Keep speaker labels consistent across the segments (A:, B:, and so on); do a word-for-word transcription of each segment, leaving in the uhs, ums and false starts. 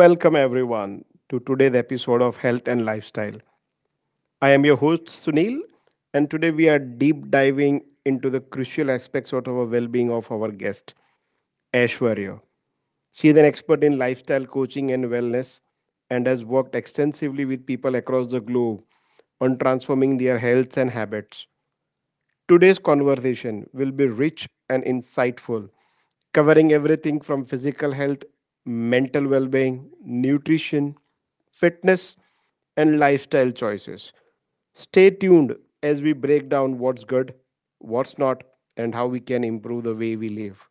A: Welcome everyone to today's episode of Health and Lifestyle. I am your host Sunil, and today we are deep diving into the crucial aspects of our well-being of our guest Aishwarya. She is an expert in lifestyle coaching and wellness, and has worked extensively with people across the globe on transforming their health and habits. Today's conversation will be rich and insightful, covering everything from physical health, mental well being, nutrition, fitness, and lifestyle choices. Stay tuned as we break down what's good, what's not, and how we can improve the way we live.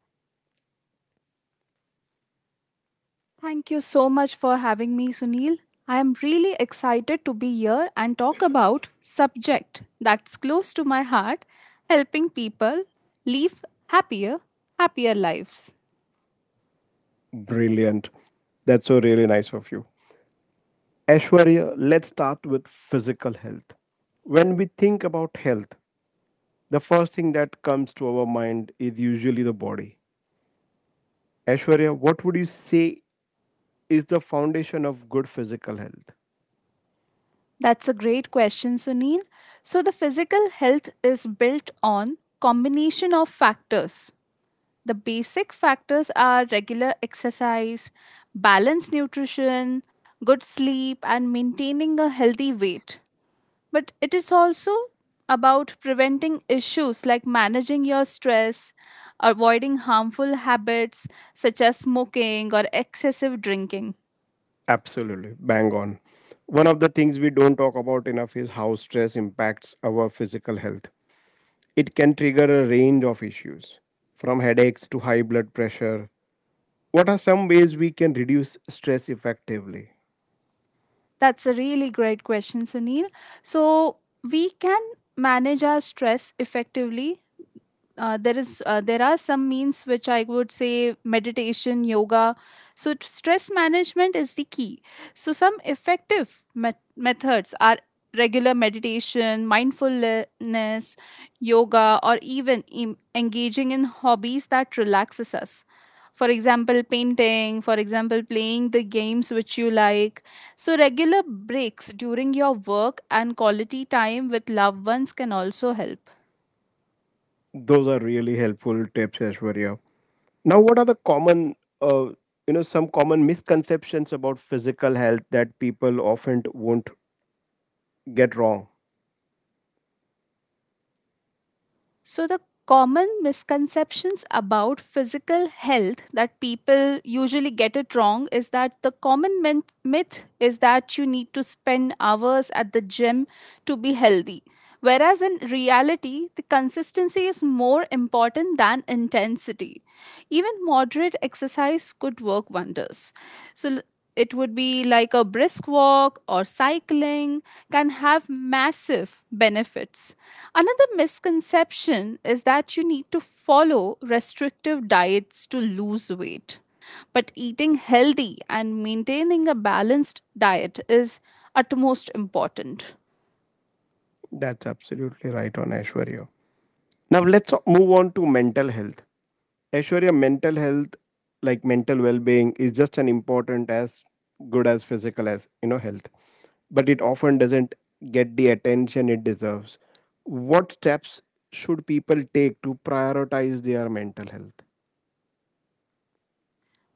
B: Thank you so much for having me, Sunil. I am really excited to be here and talk about subject that's close to my heart, helping people live happier, happier lives.
A: Brilliant. That's so really nice of you. Ashwarya, let's start with physical health. When we think about health, the first thing that comes to our mind is usually the body. Aishwarya, what would you say is the foundation of good physical health?
B: That's a great question, Sunil. So the physical health is built on combination of factors. The basic factors are regular exercise, balanced nutrition, good sleep and maintaining a healthy weight. But it is also about preventing issues like managing your stress, avoiding harmful habits such as smoking or excessive drinking.
A: Absolutely, bang on. One of the things we don't talk about enough is how stress impacts our physical health. It can trigger a range of issues, from headaches to high blood pressure. What are some ways we can reduce stress effectively?
B: That's a really great question, Sunil. So, we can manage our stress effectively. Uh, there is uh, there are some means which I would say meditation, yoga. So t- stress management is the key. So some effective met- methods are regular meditation, mindfulness, yoga, or even em- engaging in hobbies that relaxes us. For example painting, for example playing the games which you like. So regular breaks during your work and quality time with loved ones can also help.
A: Those are really helpful tips, Aishwarya. Now, what are the common, uh, you know, some common misconceptions about physical health that people often won't get wrong?
B: So, the common misconceptions about physical health that people usually get it wrong is that the common myth myth is that you need to spend hours at the gym to be healthy. Whereas in reality, the consistency is more important than intensity. Even moderate exercise could work wonders. So l- it would be like a brisk walk or cycling can have massive benefits. Another misconception is that you need to follow restrictive diets to lose weight. But eating healthy and maintaining a balanced diet is utmost important.
A: That's absolutely right on, Aishwarya. Now let's move on to mental health. Aishwarya, mental health, like mental well-being, is just an important as good as physical, as you know, health, but it often doesn't get the attention it deserves. What steps should people take to prioritize their mental health?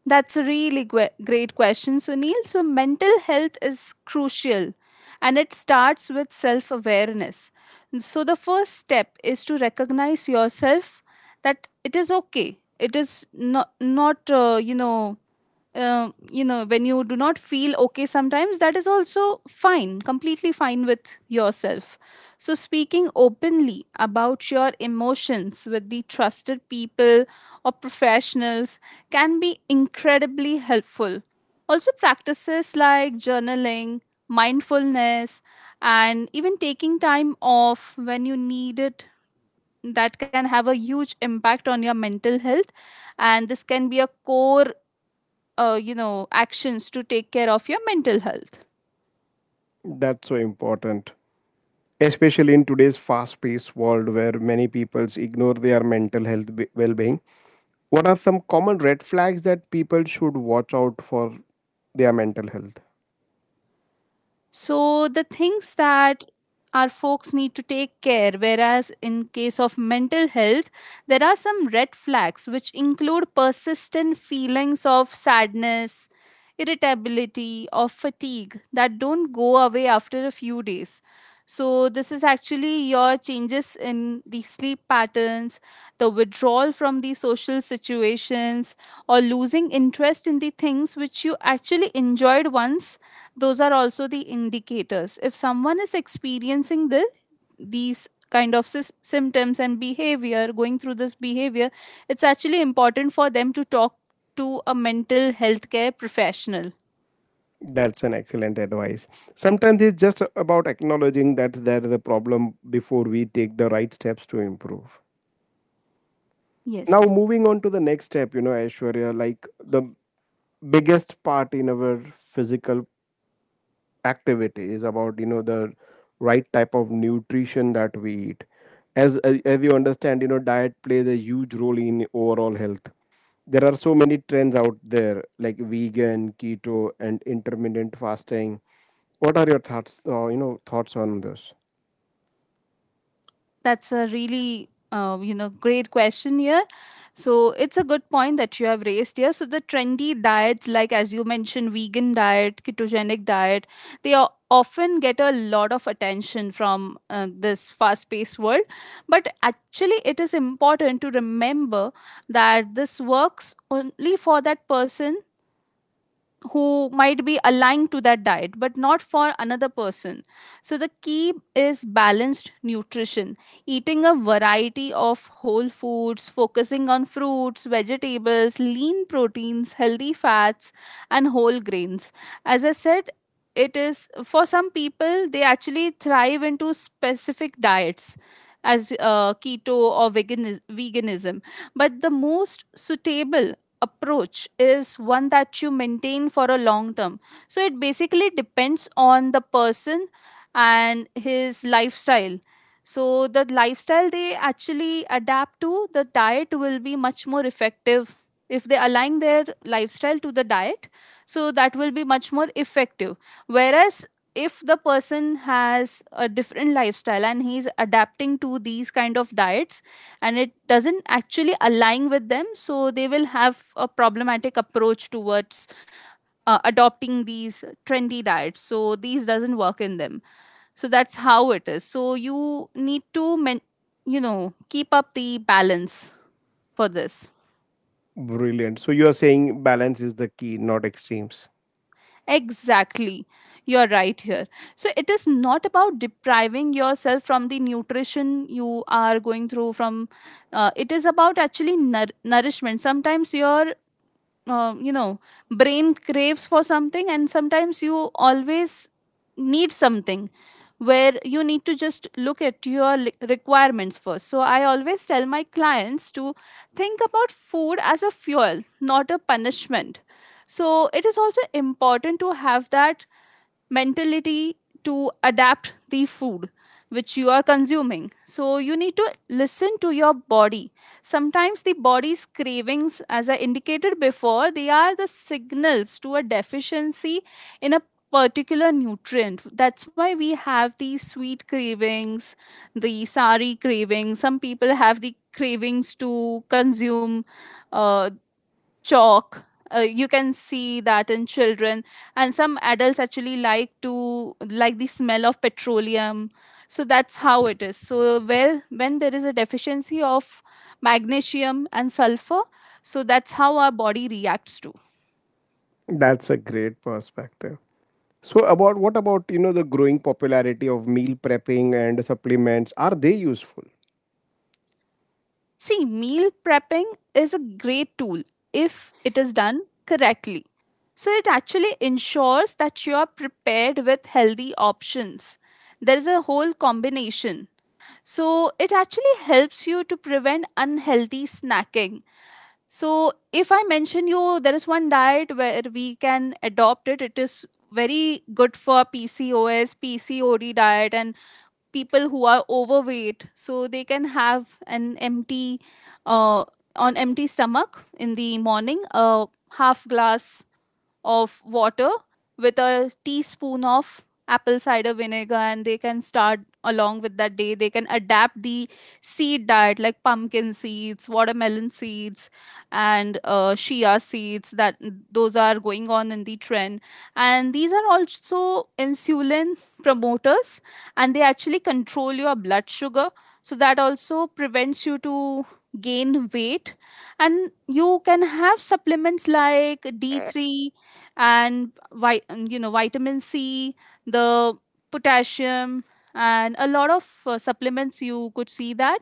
B: That's a really gwe- great question, Sunil. So, mental health is crucial and it starts with self awareness. So, the first step is to recognize yourself that it is okay. It is not, not uh, you know, uh, you know when you do not feel okay sometimes, that is also fine, completely fine with yourself. So speaking openly about your emotions with the trusted people or professionals can be incredibly helpful. Also practices like journaling, mindfulness, and even taking time off when you need it, that can have a huge impact on your mental health. And this can be a core uh, you know actions to take care of your mental health.
A: That's so important, especially in today's fast-paced world where many people ignore their mental health be- well-being. What are some common red flags that people should watch out for their mental health?
B: So the things that our folks need to take care whereas in case of mental health, there are some red flags which include persistent feelings of sadness, irritability or fatigue that don't go away after a few days. So, this is actually your changes in the sleep patterns, the withdrawal from the social situations, or losing interest in the things which you actually enjoyed once. Those are also the indicators. If someone is experiencing the these kind of sys- symptoms and behavior, going through this behavior, it's actually important for them to talk to a mental health care professional.
A: That's an excellent advice. Sometimes it's just about acknowledging that there is a problem before we take the right steps to improve. Now,
B: Yes.
A: moving on to the next step, you know, Aishwarya, like the biggest part in our physical activity is about, you know, the right type of nutrition that we eat. As, as as you understand, you know, diet plays a huge role in overall health. There are so many trends out there like vegan, keto, and intermittent fasting. What are your thoughts, uh, you know, thoughts on this?
B: That's a really uh, you know great question here. So it's a good point that you have raised here. So the trendy diets, like as you mentioned, vegan diet, ketogenic diet, they are often get a lot of attention from uh, this fast-paced world. But actually, it is important to remember that this works only for that person who might be aligned to that diet but not for another person. So the key is balanced nutrition, eating a variety of whole foods, focusing on fruits, vegetables, lean proteins, healthy fats, and whole grains. As I said, it is for some people they actually thrive into specific diets, as uh, keto or vegan, veganism. But the most suitable approach is one that you maintain for a long term. So it basically depends on the person and his lifestyle. So the lifestyle they actually adapt to the diet will be much more effective if they align their lifestyle to the diet. So that will be much more effective. Whereas if the person has a different lifestyle and he's adapting to these kind of diets and it doesn't actually align with them, so they will have a problematic approach towards uh, adopting these trendy diets, so these doesn't work in them. So that's how it is. So you need to men- you know keep up the balance for this.
A: Brilliant, so you are saying balance is the key, not extremes.
B: Exactly, you're right here. So it is not about depriving yourself from the nutrition you are going through from, uh, it is about actually nour- nourishment. Sometimes your uh, you know brain craves for something, and sometimes you always need something where you need to just look at your li- requirements first. So I always tell my clients to think about food as a fuel, not a punishment. So it is also important to have that mentality to adapt the food which you are consuming. So you need to listen to your body. Sometimes the body's cravings, as I indicated before, they are the signals to a deficiency in a particular nutrient. That's why we have the sweet cravings, the sari cravings. Some people have the cravings to consume uh, chalk. Uh, you can see that in children, and some adults actually like to like the smell of petroleum. So that's how it is. So where when there is a deficiency of magnesium and sulfur, so that's how our body reacts to.
A: That's a great perspective. So about, what about, you know, the growing popularity of meal prepping and supplements? Are they useful?
B: See, meal prepping is a great tool if it is done correctly. So it actually ensures that you are prepared with healthy options. There is a whole combination. So it actually helps you to prevent unhealthy snacking. So if I mention you, there is one diet where we can adopt it. It is very good for P C O S, P C O D diet, and people who are overweight. So they can have an empty, uh, on empty stomach in the morning, a half glass of water with a teaspoon of apple cider vinegar, and they can start along with that day they can adapt the seed diet like pumpkin seeds, watermelon seeds, and uh, chia seeds. That those are going on in the trend, and these are also insulin promoters, and they actually control your blood sugar. So that also prevents you to gain weight. And you can have supplements like D three and vi- you know vitamin c, the potassium, and a lot of uh, supplements you could see that.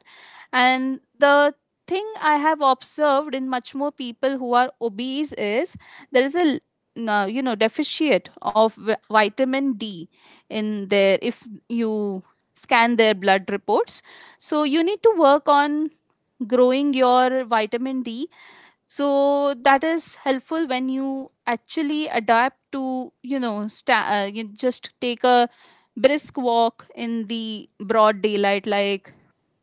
B: And the thing I have observed in much more people who are obese is there is a l- no, you know deficit of vi- vitamin d in their if you scan their blood reports. So you need to work on growing your vitamin d. So that is helpful when you actually adapt to you know sta- uh, you just take a brisk walk in the broad daylight like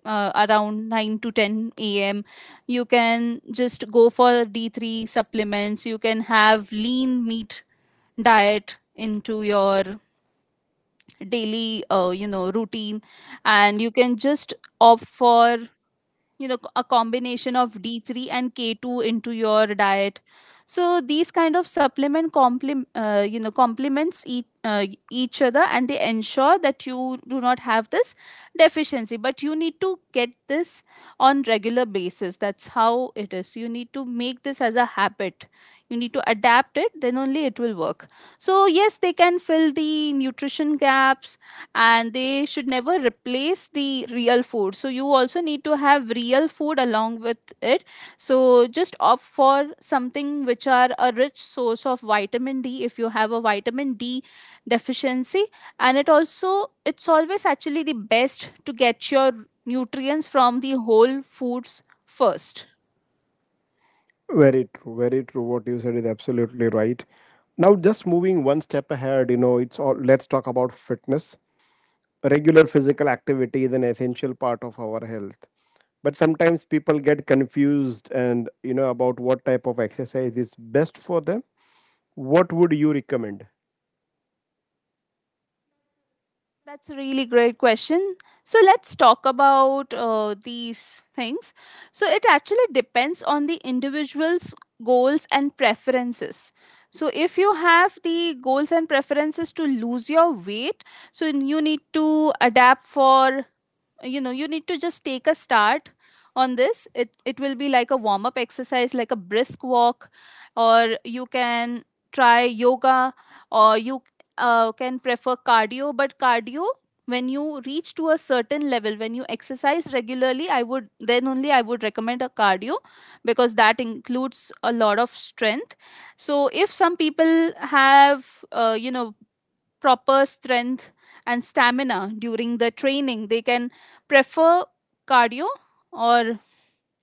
B: uh, around nine to ten a m. You can just go for D three supplements. You can have lean meat diet into your daily, uh, you know, routine, and you can just opt for you know a combination of D three and K two into your diet. So these kind of supplement complement uh, you know complements each, uh, each other, and they ensure that you do not have this deficiency. But you need to get this on regular basis. That's how it is. You need to make this as a habit. You need to adapt it, then only it will work. So yes, they can fill the nutrition gaps, and they should never replace the real food. So you also need to have real food along with it. So just opt for something which are a rich source of vitamin d if you have a vitamin d deficiency. And it also it's always actually the best to get your nutrients from the whole foods first.
A: Very true, very true. What you said is absolutely right. Now, just moving one step ahead, you know, it's all, let's talk about fitness. Regular physical activity is an essential part of our health, but sometimes people get confused, and you know, about what type of exercise is best for them. What would you recommend?
B: That's a really great question. So let's talk about uh, these things. So it actually depends on the individual's goals and preferences. So if you have the goals and preferences to lose your weight, so you need to adapt for you know you need to just take a start on this. It it will be like a warm up exercise like a brisk walk, or you can try yoga, or you uh, can prefer cardio. But cardio, when you reach to a certain level, when you exercise regularly, I would then only I would recommend a cardio because that includes a lot of strength. So if some people have uh, you know proper strength and stamina during the training, they can prefer cardio or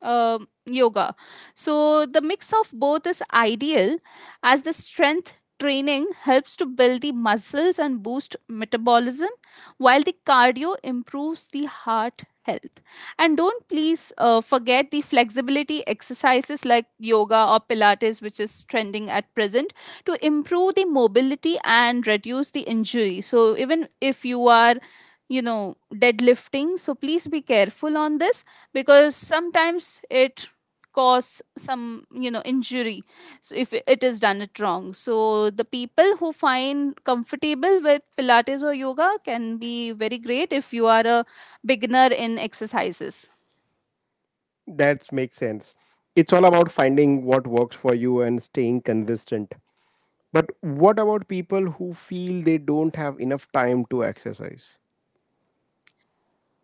B: um yoga. So the mix of both is ideal as the strength training helps to build the muscles and boost metabolism, while the cardio improves the heart health. And don't please uh, forget the flexibility exercises like yoga or pilates which is trending at present to improve the mobility and reduce the injury. So even if you are you know deadlifting, so please be careful on this because sometimes it cause some you know injury. So if it is done it wrong, so the people who find comfortable with pilates or yoga can be very great if you are a beginner in exercises.
A: That makes sense. It's all about finding what works for you and staying consistent. But what about people who feel they don't have enough time to exercise?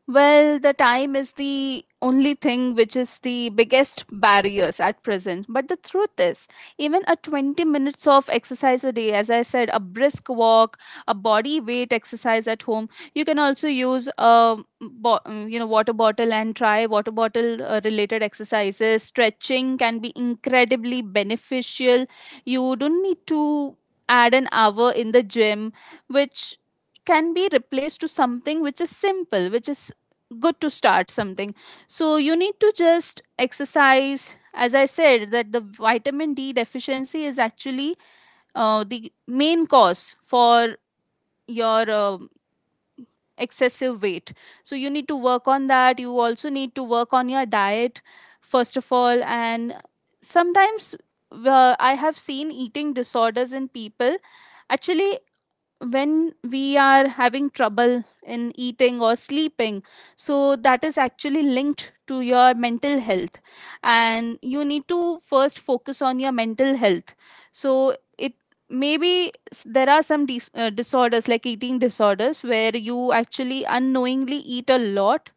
B: Well, the time is the only thing which is the biggest barriers at present. But the truth is, even a twenty minutes of exercise a day, as I said, a brisk walk, a body weight exercise at home. You can also use a bo- you know water bottle and try water bottle uh, related exercises. Stretching can be incredibly beneficial. You don't need to add an hour in the gym, which can be replaced to something which is simple, which is good to start something. So you need to just exercise. As I said, that the vitamin D deficiency is actually uh, the main cause for your um excessive weight. So you need to work on that. You also need to work on your diet first of all. And sometimes uh, I have seen eating disorders in people, actually, when we are having trouble in eating or sleeping. So that is actually linked to your mental health, and you need to first focus on your mental health. So it maybe s- there are some dis- uh, disorders like eating disorders where you actually unknowingly eat a lot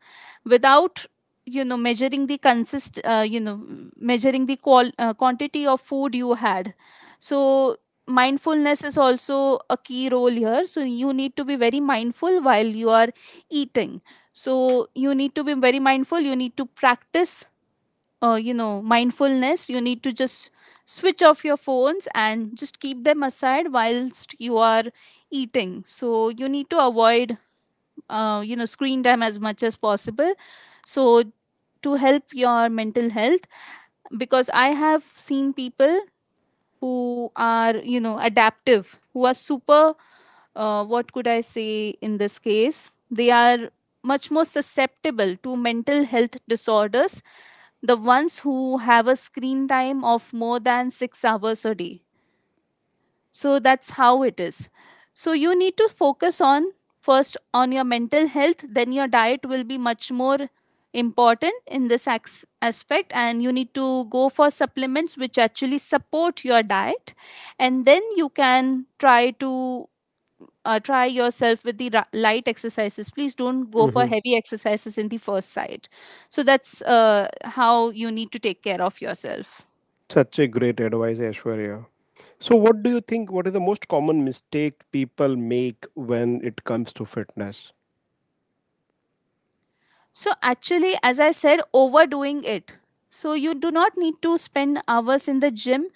B: without you know measuring the consist uh, you know measuring the qual- uh, quantity of food you had. So mindfulness is also a key role here, so you need to be very mindful while you are eating. So you need to be very mindful, you need to practice uh, you know mindfulness. You need to just switch off your phones and just keep them aside whilst you are eating. So you need to avoid uh, you know screen time as much as possible. So, to help your mental health, because I have seen people who are you know adaptive, who are super, uh, what could I say in this case, they are much more susceptible to mental health disorders, the ones who have a screen time of more than six hours a day. So that's how it is. So you need to focus on first on your mental health. Then your diet will be much more important in this ax- aspect, and you need to go for supplements which actually support your diet. And then you can try to uh, try yourself with the ra- light exercises. Please don't go for
A: Mhm.
B: heavy exercises in the first sight. So that's uh, how you need to take care of yourself.
A: Such a great advice, Ashwarya. So what do you think, what is the most common mistake people make when it comes to fitness?
B: So, actually, as I said, overdoing it. So, you do not need to spend hours in the gym.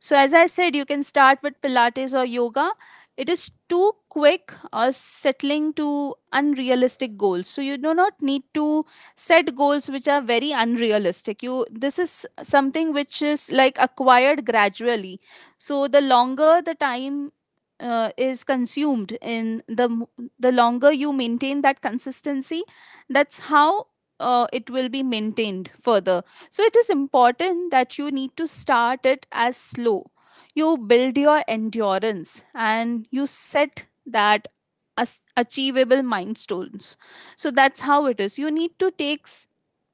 B: So, as I said, you can start with Pilates or yoga. It is too quick or settling to unrealistic goals. So you do not need to set goals which are very unrealistic. You This is something which is like acquired gradually. So the longer the time uh, is consumed in the m- the longer you maintain that consistency, that's how uh, it will be maintained further. So it is important that you need to start it as slow. You build your endurance, and you set that as achievable milestones. So that's how it is. You need to take s-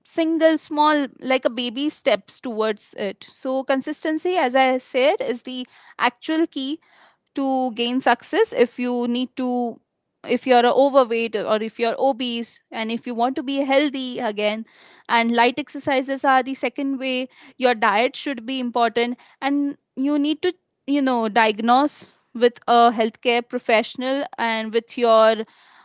B: single small like a baby steps towards it. So consistency, as I said, is the actual key to gain success. If you need to if you're overweight or if you're obese and if you want to be healthy again, and light exercises are the second way. Your diet should be important, and you need to you know diagnose with a healthcare professional and with your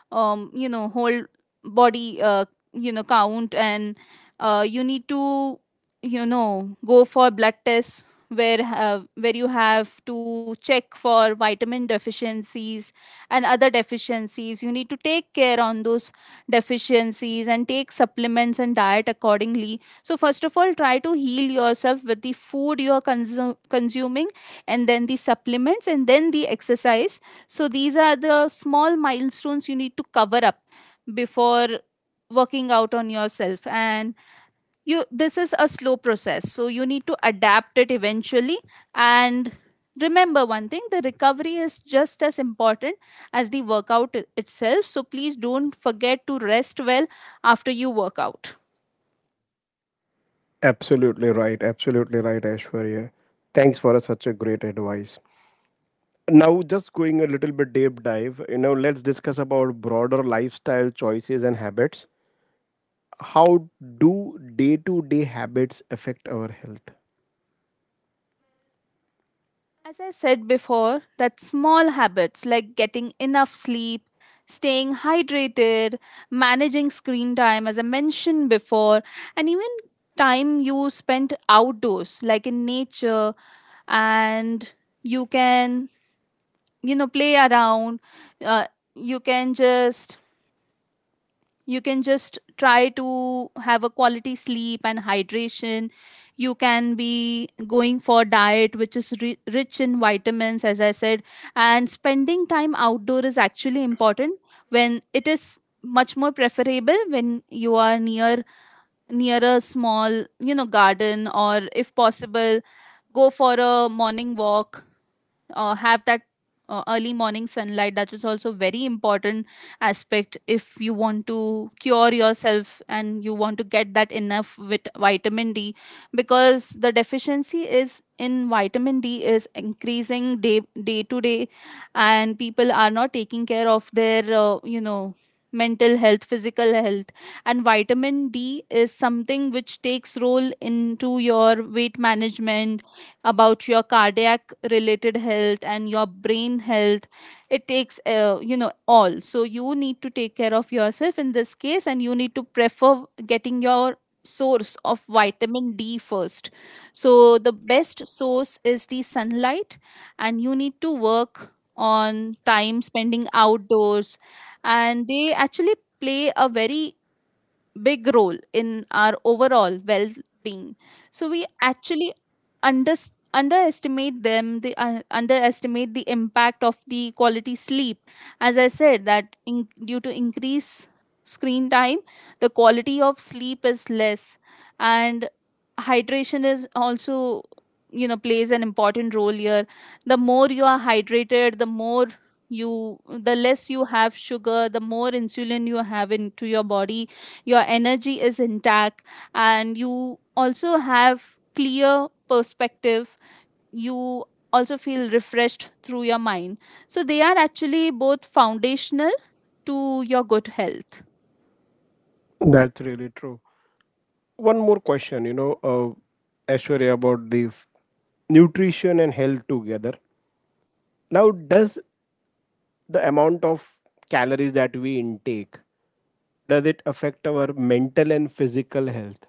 B: um, you know whole body uh, you know count. And uh, you need to you know go for blood tests, where uh, where you have to check for vitamin deficiencies and other deficiencies. You need to take care on those deficiencies and take supplements and diet accordingly. So first of all, try to heal yourself with the food you are consu- consuming, and then the supplements, and then the exercise. So these are the small milestones you need to cover up before working out on yourself. And you this is a slow process, so you need to adapt it eventually. And remember one thing, the recovery is just as important as the workout i- itself. So please don't forget to rest well after you work out.
A: Absolutely right. Absolutely right, Aishwarya. Thanks for such a great advice. Now, just going a little bit deep dive, you know, let's discuss about broader lifestyle choices and habits. How do day to day habits affect our health?
B: As I said before, that small habits like getting enough sleep, staying hydrated, managing screen time, as I mentioned before, and even time you spent outdoors, like in nature, and you can, you know, play around, uh, you can just you can just try to have a quality sleep and hydration. You can be going for diet which is ri- rich in vitamins, as I said. And spending time outdoor is actually important when it is much more preferable when you are near near a small you know garden, or if possible, go for a morning walk. Uh, have that uh, early morning sunlight. That is also very important aspect if you want to cure yourself and you want to get that enough with vitamin D, because the deficiency is in vitamin D is increasing day day to day. And people are not taking care of their uh, you know mental health, physical health. And vitamin D is something which takes role into your weight management, about your cardiac related health and your brain health. It takes uh, you know all. So you need to take care of yourself in this case, and you need to prefer getting your source of vitamin D first. So the best source is the sunlight, and you need to work on time spending outdoors, and they actually play a very big role in our overall well being. So we actually under, underestimate them, the, uh, underestimate the impact of the quality sleep. As I said, that in, due to increase screen time, the quality of sleep is less, and hydration is also you know plays an important role here. The more you are hydrated, the more you the less you have sugar, the more insulin you have into your body. Your energy is intact, and you also have clear perspective. You also feel refreshed through your mind. So they are actually both foundational to your good health.
A: That's really true. One more question, you know, uh, Aishwarya, about the f- nutrition and health together. Now, does the amount of calories that we intake, does it affect our mental and physical health?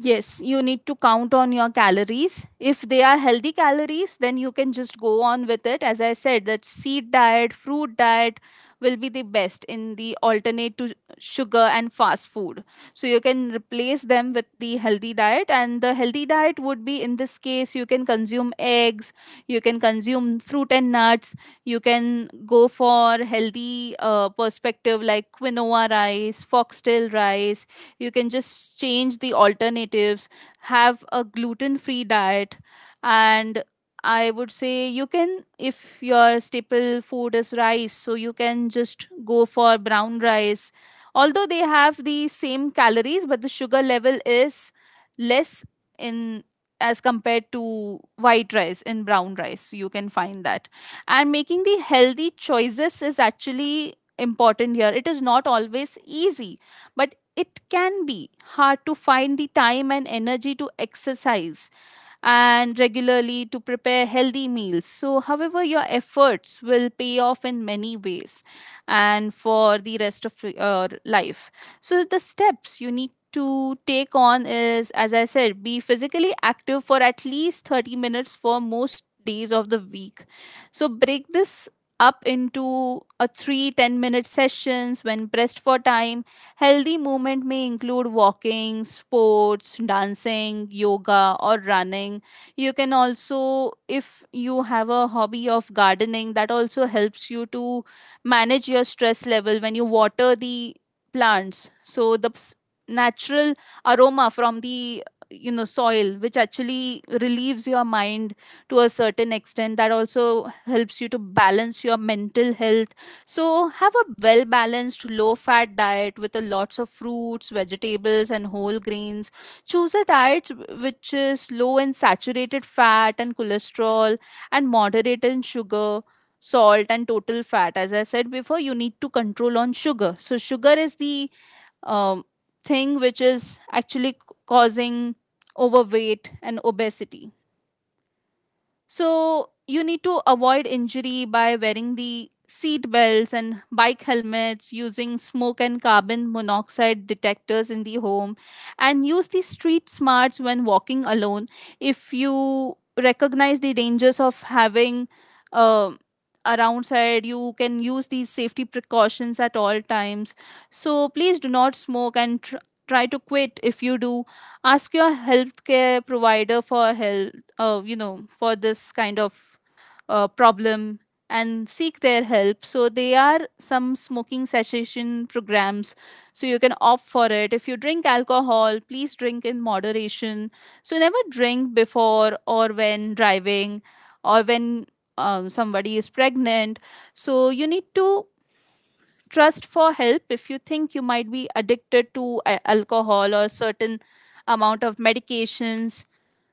B: Yes, you need to count on your calories. If they are healthy calories, then you can just go on with it. As I said, that seed diet, fruit diet will be the best in the alternate to sugar and fast food. So you can replace them with the healthy diet. And the healthy diet would be, in this case, you can consume eggs, you can consume fruit and nuts, you can go for healthy uh, perspective like quinoa rice, foxtail rice. You can just change the alternatives, have a gluten free diet. And I would say you can, if your staple food is rice, so you can just go for brown rice. Although they have the same calories, but the sugar level is less in as compared to white rice in brown rice, so you can find that. And making the healthy choices is actually important here. It is not always easy, but it can be hard to find the time and energy to exercise and regularly to prepare healthy meals. So, however, your efforts will pay off in many ways and for the rest of your life. So, the steps you need to take on is, as I said, be physically active for at least thirty minutes for most days of the week. So, break this up into a three ten minute sessions when pressed for time. Healthy movement may include walking, sports, dancing, yoga, or running. You can also, if you have a hobby of gardening, that also helps you to manage your stress level when you water the plants. So, the ps- natural aroma from the you know soil, which actually relieves your mind to a certain extent, that also helps you to balance your mental health. So, have a well balanced, low fat diet with a lots of fruits, vegetables, and whole grains. Choose a diet which is low in saturated fat and cholesterol and moderate in sugar, salt, and total fat. As I said before, you need to control on sugar. So, sugar is the um, thing which is actually c- causing overweight and obesity. So you need to avoid injury by wearing the seat belts and bike helmets, using smoke and carbon monoxide detectors in the home, and use the street smarts when walking alone. If you recognize the dangers of having uh, around side, you can use these safety precautions at all times. So please do not smoke and tr- try to quit. If you do, ask your healthcare provider for help uh, you know for this kind of uh, problem, and seek their help. So they are some smoking cessation programs, so you can opt for it. If you drink alcohol, please drink in moderation, so never drink before or when driving, or when um, somebody is pregnant. So you need to trust for help if you think you might be addicted to a- alcohol or certain amount of medications.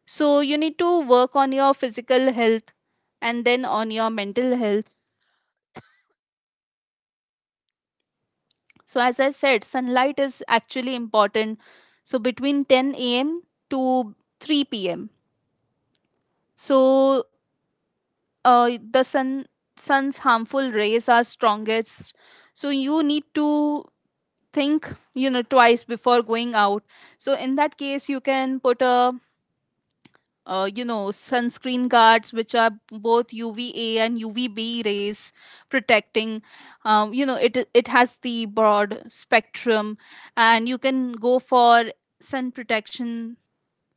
B: So you need to work on your physical health and then on your mental health. So as I said, sunlight is actually important. So between ten a.m to three p.m, so uh, the sun sun's harmful rays are strongest. So you need to think, you know, twice before going out. So in that case you can put a uh, you know sunscreen guards which are both UVA and UVB rays protecting. um, you know it it has the broad spectrum, and you can go for sun protection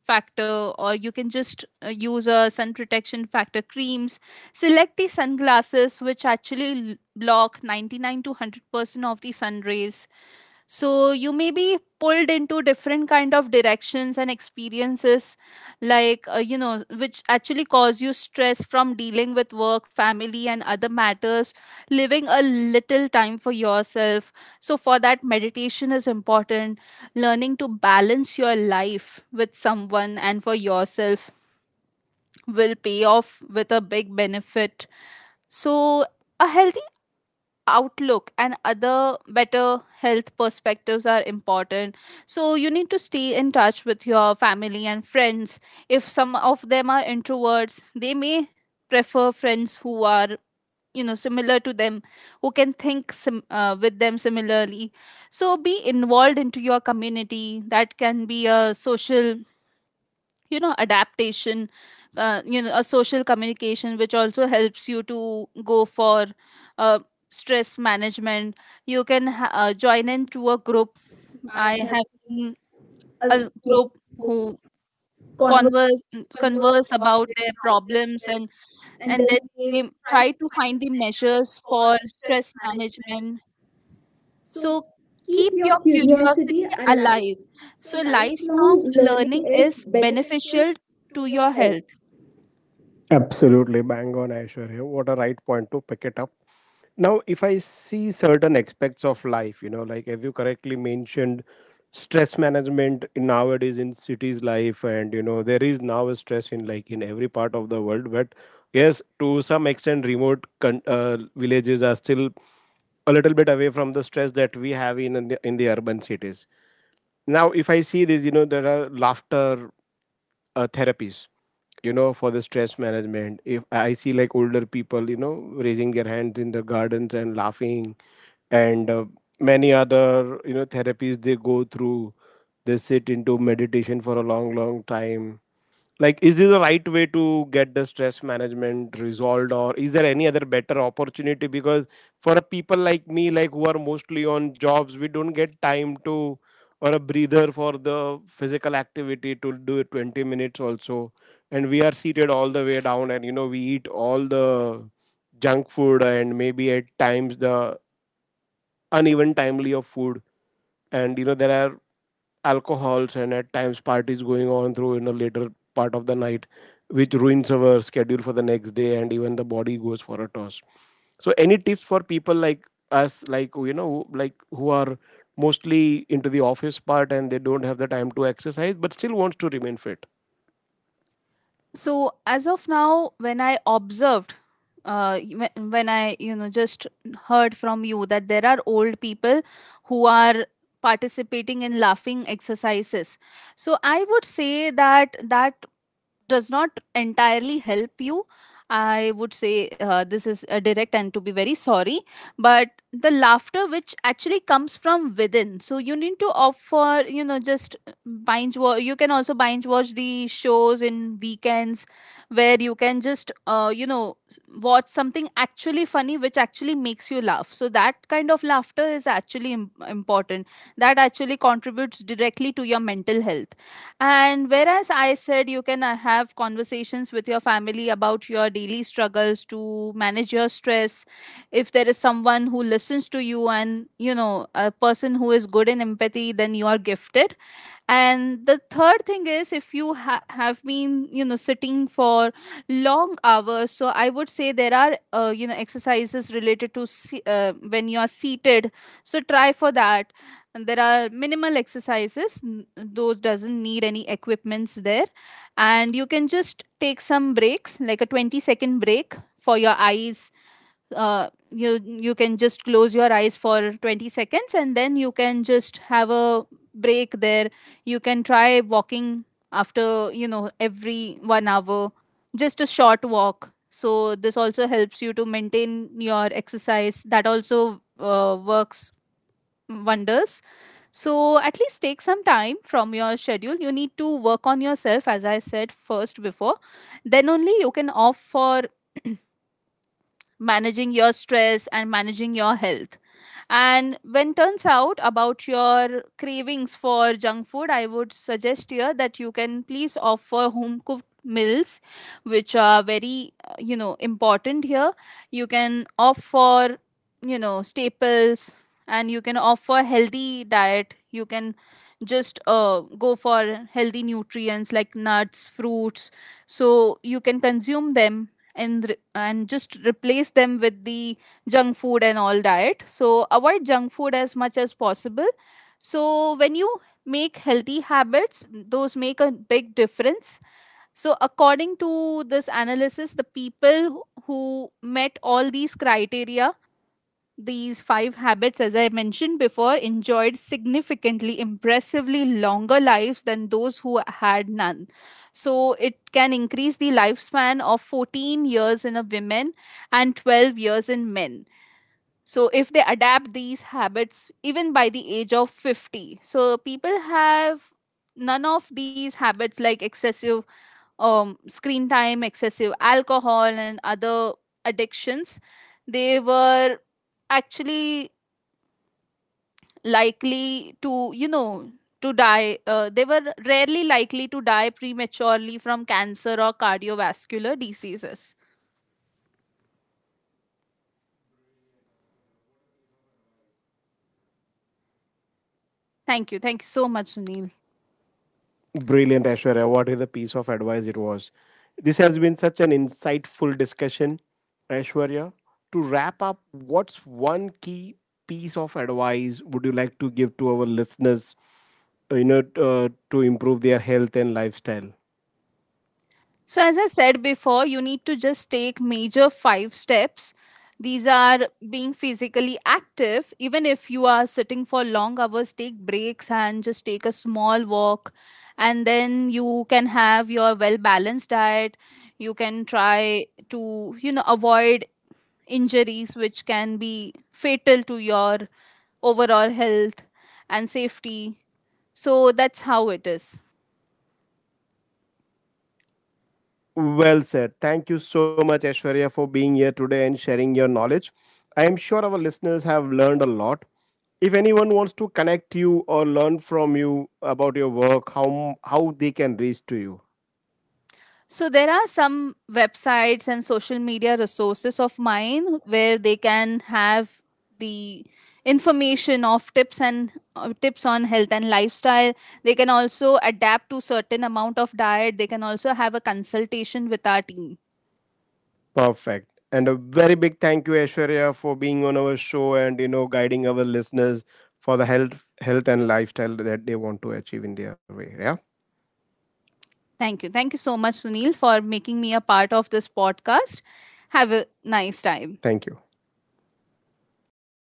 B: factor, or you can just uh, use a sun protection factor creams. Select the sunglasses which actually l- block ninety-nine to one hundred percent of the sun rays. So you may be pulled into different kind of directions and experiences, like uh, you know which actually cause you stress from dealing with work, family and other matters. Living a little time for yourself, so for that meditation is important. Learning to balance your life with someone and for yourself will pay off with a big benefit. So a healthy outlook and other better health perspectives are important. So you need to stay in touch with your family and friends. If some of them are introverts, they may prefer friends who are, you know, similar to them, who can think sim- uh, with them similarly. So be involved into your community. That can be a social, you know, adaptation, uh, you know a social communication, which also helps you to go for uh, stress management. You can ha- uh, join into a group. I have seen a group who converse converse about their problems, and and then they try to find the measures for stress management. So keep your curiosity alive. So lifelong learning is beneficial to your health.
A: Absolutely bang on, I assure. What a right point to pick it up. Now, if I see certain aspects of life, you know, like as you correctly mentioned, stress management in nowadays in cities life, and you know, there is now a stress in like in every part of the world. But yes, to some extent, remote con- uh, villages are still a little bit away from the stress that we have in in the, in the urban cities. Now, if I see this, you know, there are laughter uh, therapies, you know, for the stress management. If I see like older people, you know, raising their hands in the gardens and laughing, and uh, many other, you know, therapies they go through, they sit into meditation for a long long time. Like, is this the right way to get the stress management resolved, or is there any other better opportunity? Because for a people like me, like who are mostly on jobs, we don't get time to, or a breather for the physical activity to do it twenty minutes also, and we are seated all the way down, and you know, we eat all the junk food and maybe at times the uneven timely of food, and you know, there are alcohols and at times parties going on through in a later part of the night, which ruins our schedule for the next day and even the body goes for a toss. So any tips for people like us, like, you know, like who are mostly into the office part and they don't have the time to exercise but still wants to remain fit?
B: So as of now, when I observed, uh, when when i you know just heard from you that there are old people who are participating in laughing exercises, so I would say that that does not entirely help you. I would say, uh, this is uh, direct and to be very sorry, but the laughter which actually comes from within. So you need to opt for, you know, just binge watch. You can also binge watch the shows in weekends, where you can just uh, you know s- watch something actually funny which actually makes you laugh. So that kind of laughter is actually im- important. That actually contributes directly to your mental health. And whereas I said, you can uh, have conversations with your family about your daily struggles to manage your stress. If there is someone who listens to you and, you know, a person who is good in empathy, then you are gifted. And the third thing is, if you ha- have been, you know, sitting for long hours, so I would say there are, uh, you know exercises related to se- uh, when you are seated. So try for that. And there are minimal exercises n- those doesn't need any equipments there. And you can just take some breaks like a twenty second break for your eyes. Uh, you you can just close your eyes for twenty seconds, and then you can just have a break there. You can try walking after, you know, every one hour, just a short walk. So this also helps you to maintain your exercise. That also uh, works wonders. So at least take some time from your schedule. You need to work on yourself, as I said first before, then only you can opt for managing your stress and managing your health. And when turns out about your cravings for junk food, I would suggest here that you can please offer home cooked meals, which are very, uh, you know important here. You can offer, you know, staples, and you can offer healthy diet. You can just uh, go for healthy nutrients like nuts, fruits. So you can consume them, and re- and just replace them with the junk food and all diet. So avoid junk food as much as possible. So when you make healthy habits, those make a big difference. So according to this analysis, the people who met all these criteria, these five habits, as I mentioned before, enjoyed significantly, impressively longer lives than those who had none. So it can increase the lifespan of fourteen years in a women and twelve years in men. So if they adapt these habits even by the age of fifty. So people have none of these habits, like excessive um, screen time, excessive alcohol and other addictions, they were actually likely to, you know, to die. uh, they were rarely likely to die prematurely from cancer or cardiovascular diseases. Thank you. Thank you so much, Sunil.
A: Brilliant, Ashwarya. What is a piece of advice it was. This has been such an insightful discussion, Ashwarya. To wrap up, what's one key piece of advice would you like to give to our listeners, uh, you know, uh, to improve their health and lifestyle?
B: So as I said before, you need to just take major five steps. These are being physically active. Even if you are sitting for long hours, take breaks and just take a small walk. And then you can have your well balanced diet. You can try to, you know, avoid injuries which can be fatal to your overall health and safety. So that's how it is.
A: Well said. Thank you so much, Ashwarya, for being here today and sharing your knowledge. I am sure our listeners have learned a lot. If anyone wants to connect you or learn from you about your work, how how they can reach to you?
B: So there are some websites and social media resources of mine where they can have the information of tips, and uh, tips on health and lifestyle. They can also adapt to certain amount of diet. They can also have a consultation with our team.
A: Perfect. And a very big thank you, Aishwarya, for being on our show and you know guiding our listeners for the health, health and lifestyle that they want to achieve in their way. Yeah.
B: Thank you. Thank you so much, Sunil, for making me a part of this podcast. Have a nice time.
A: Thank you.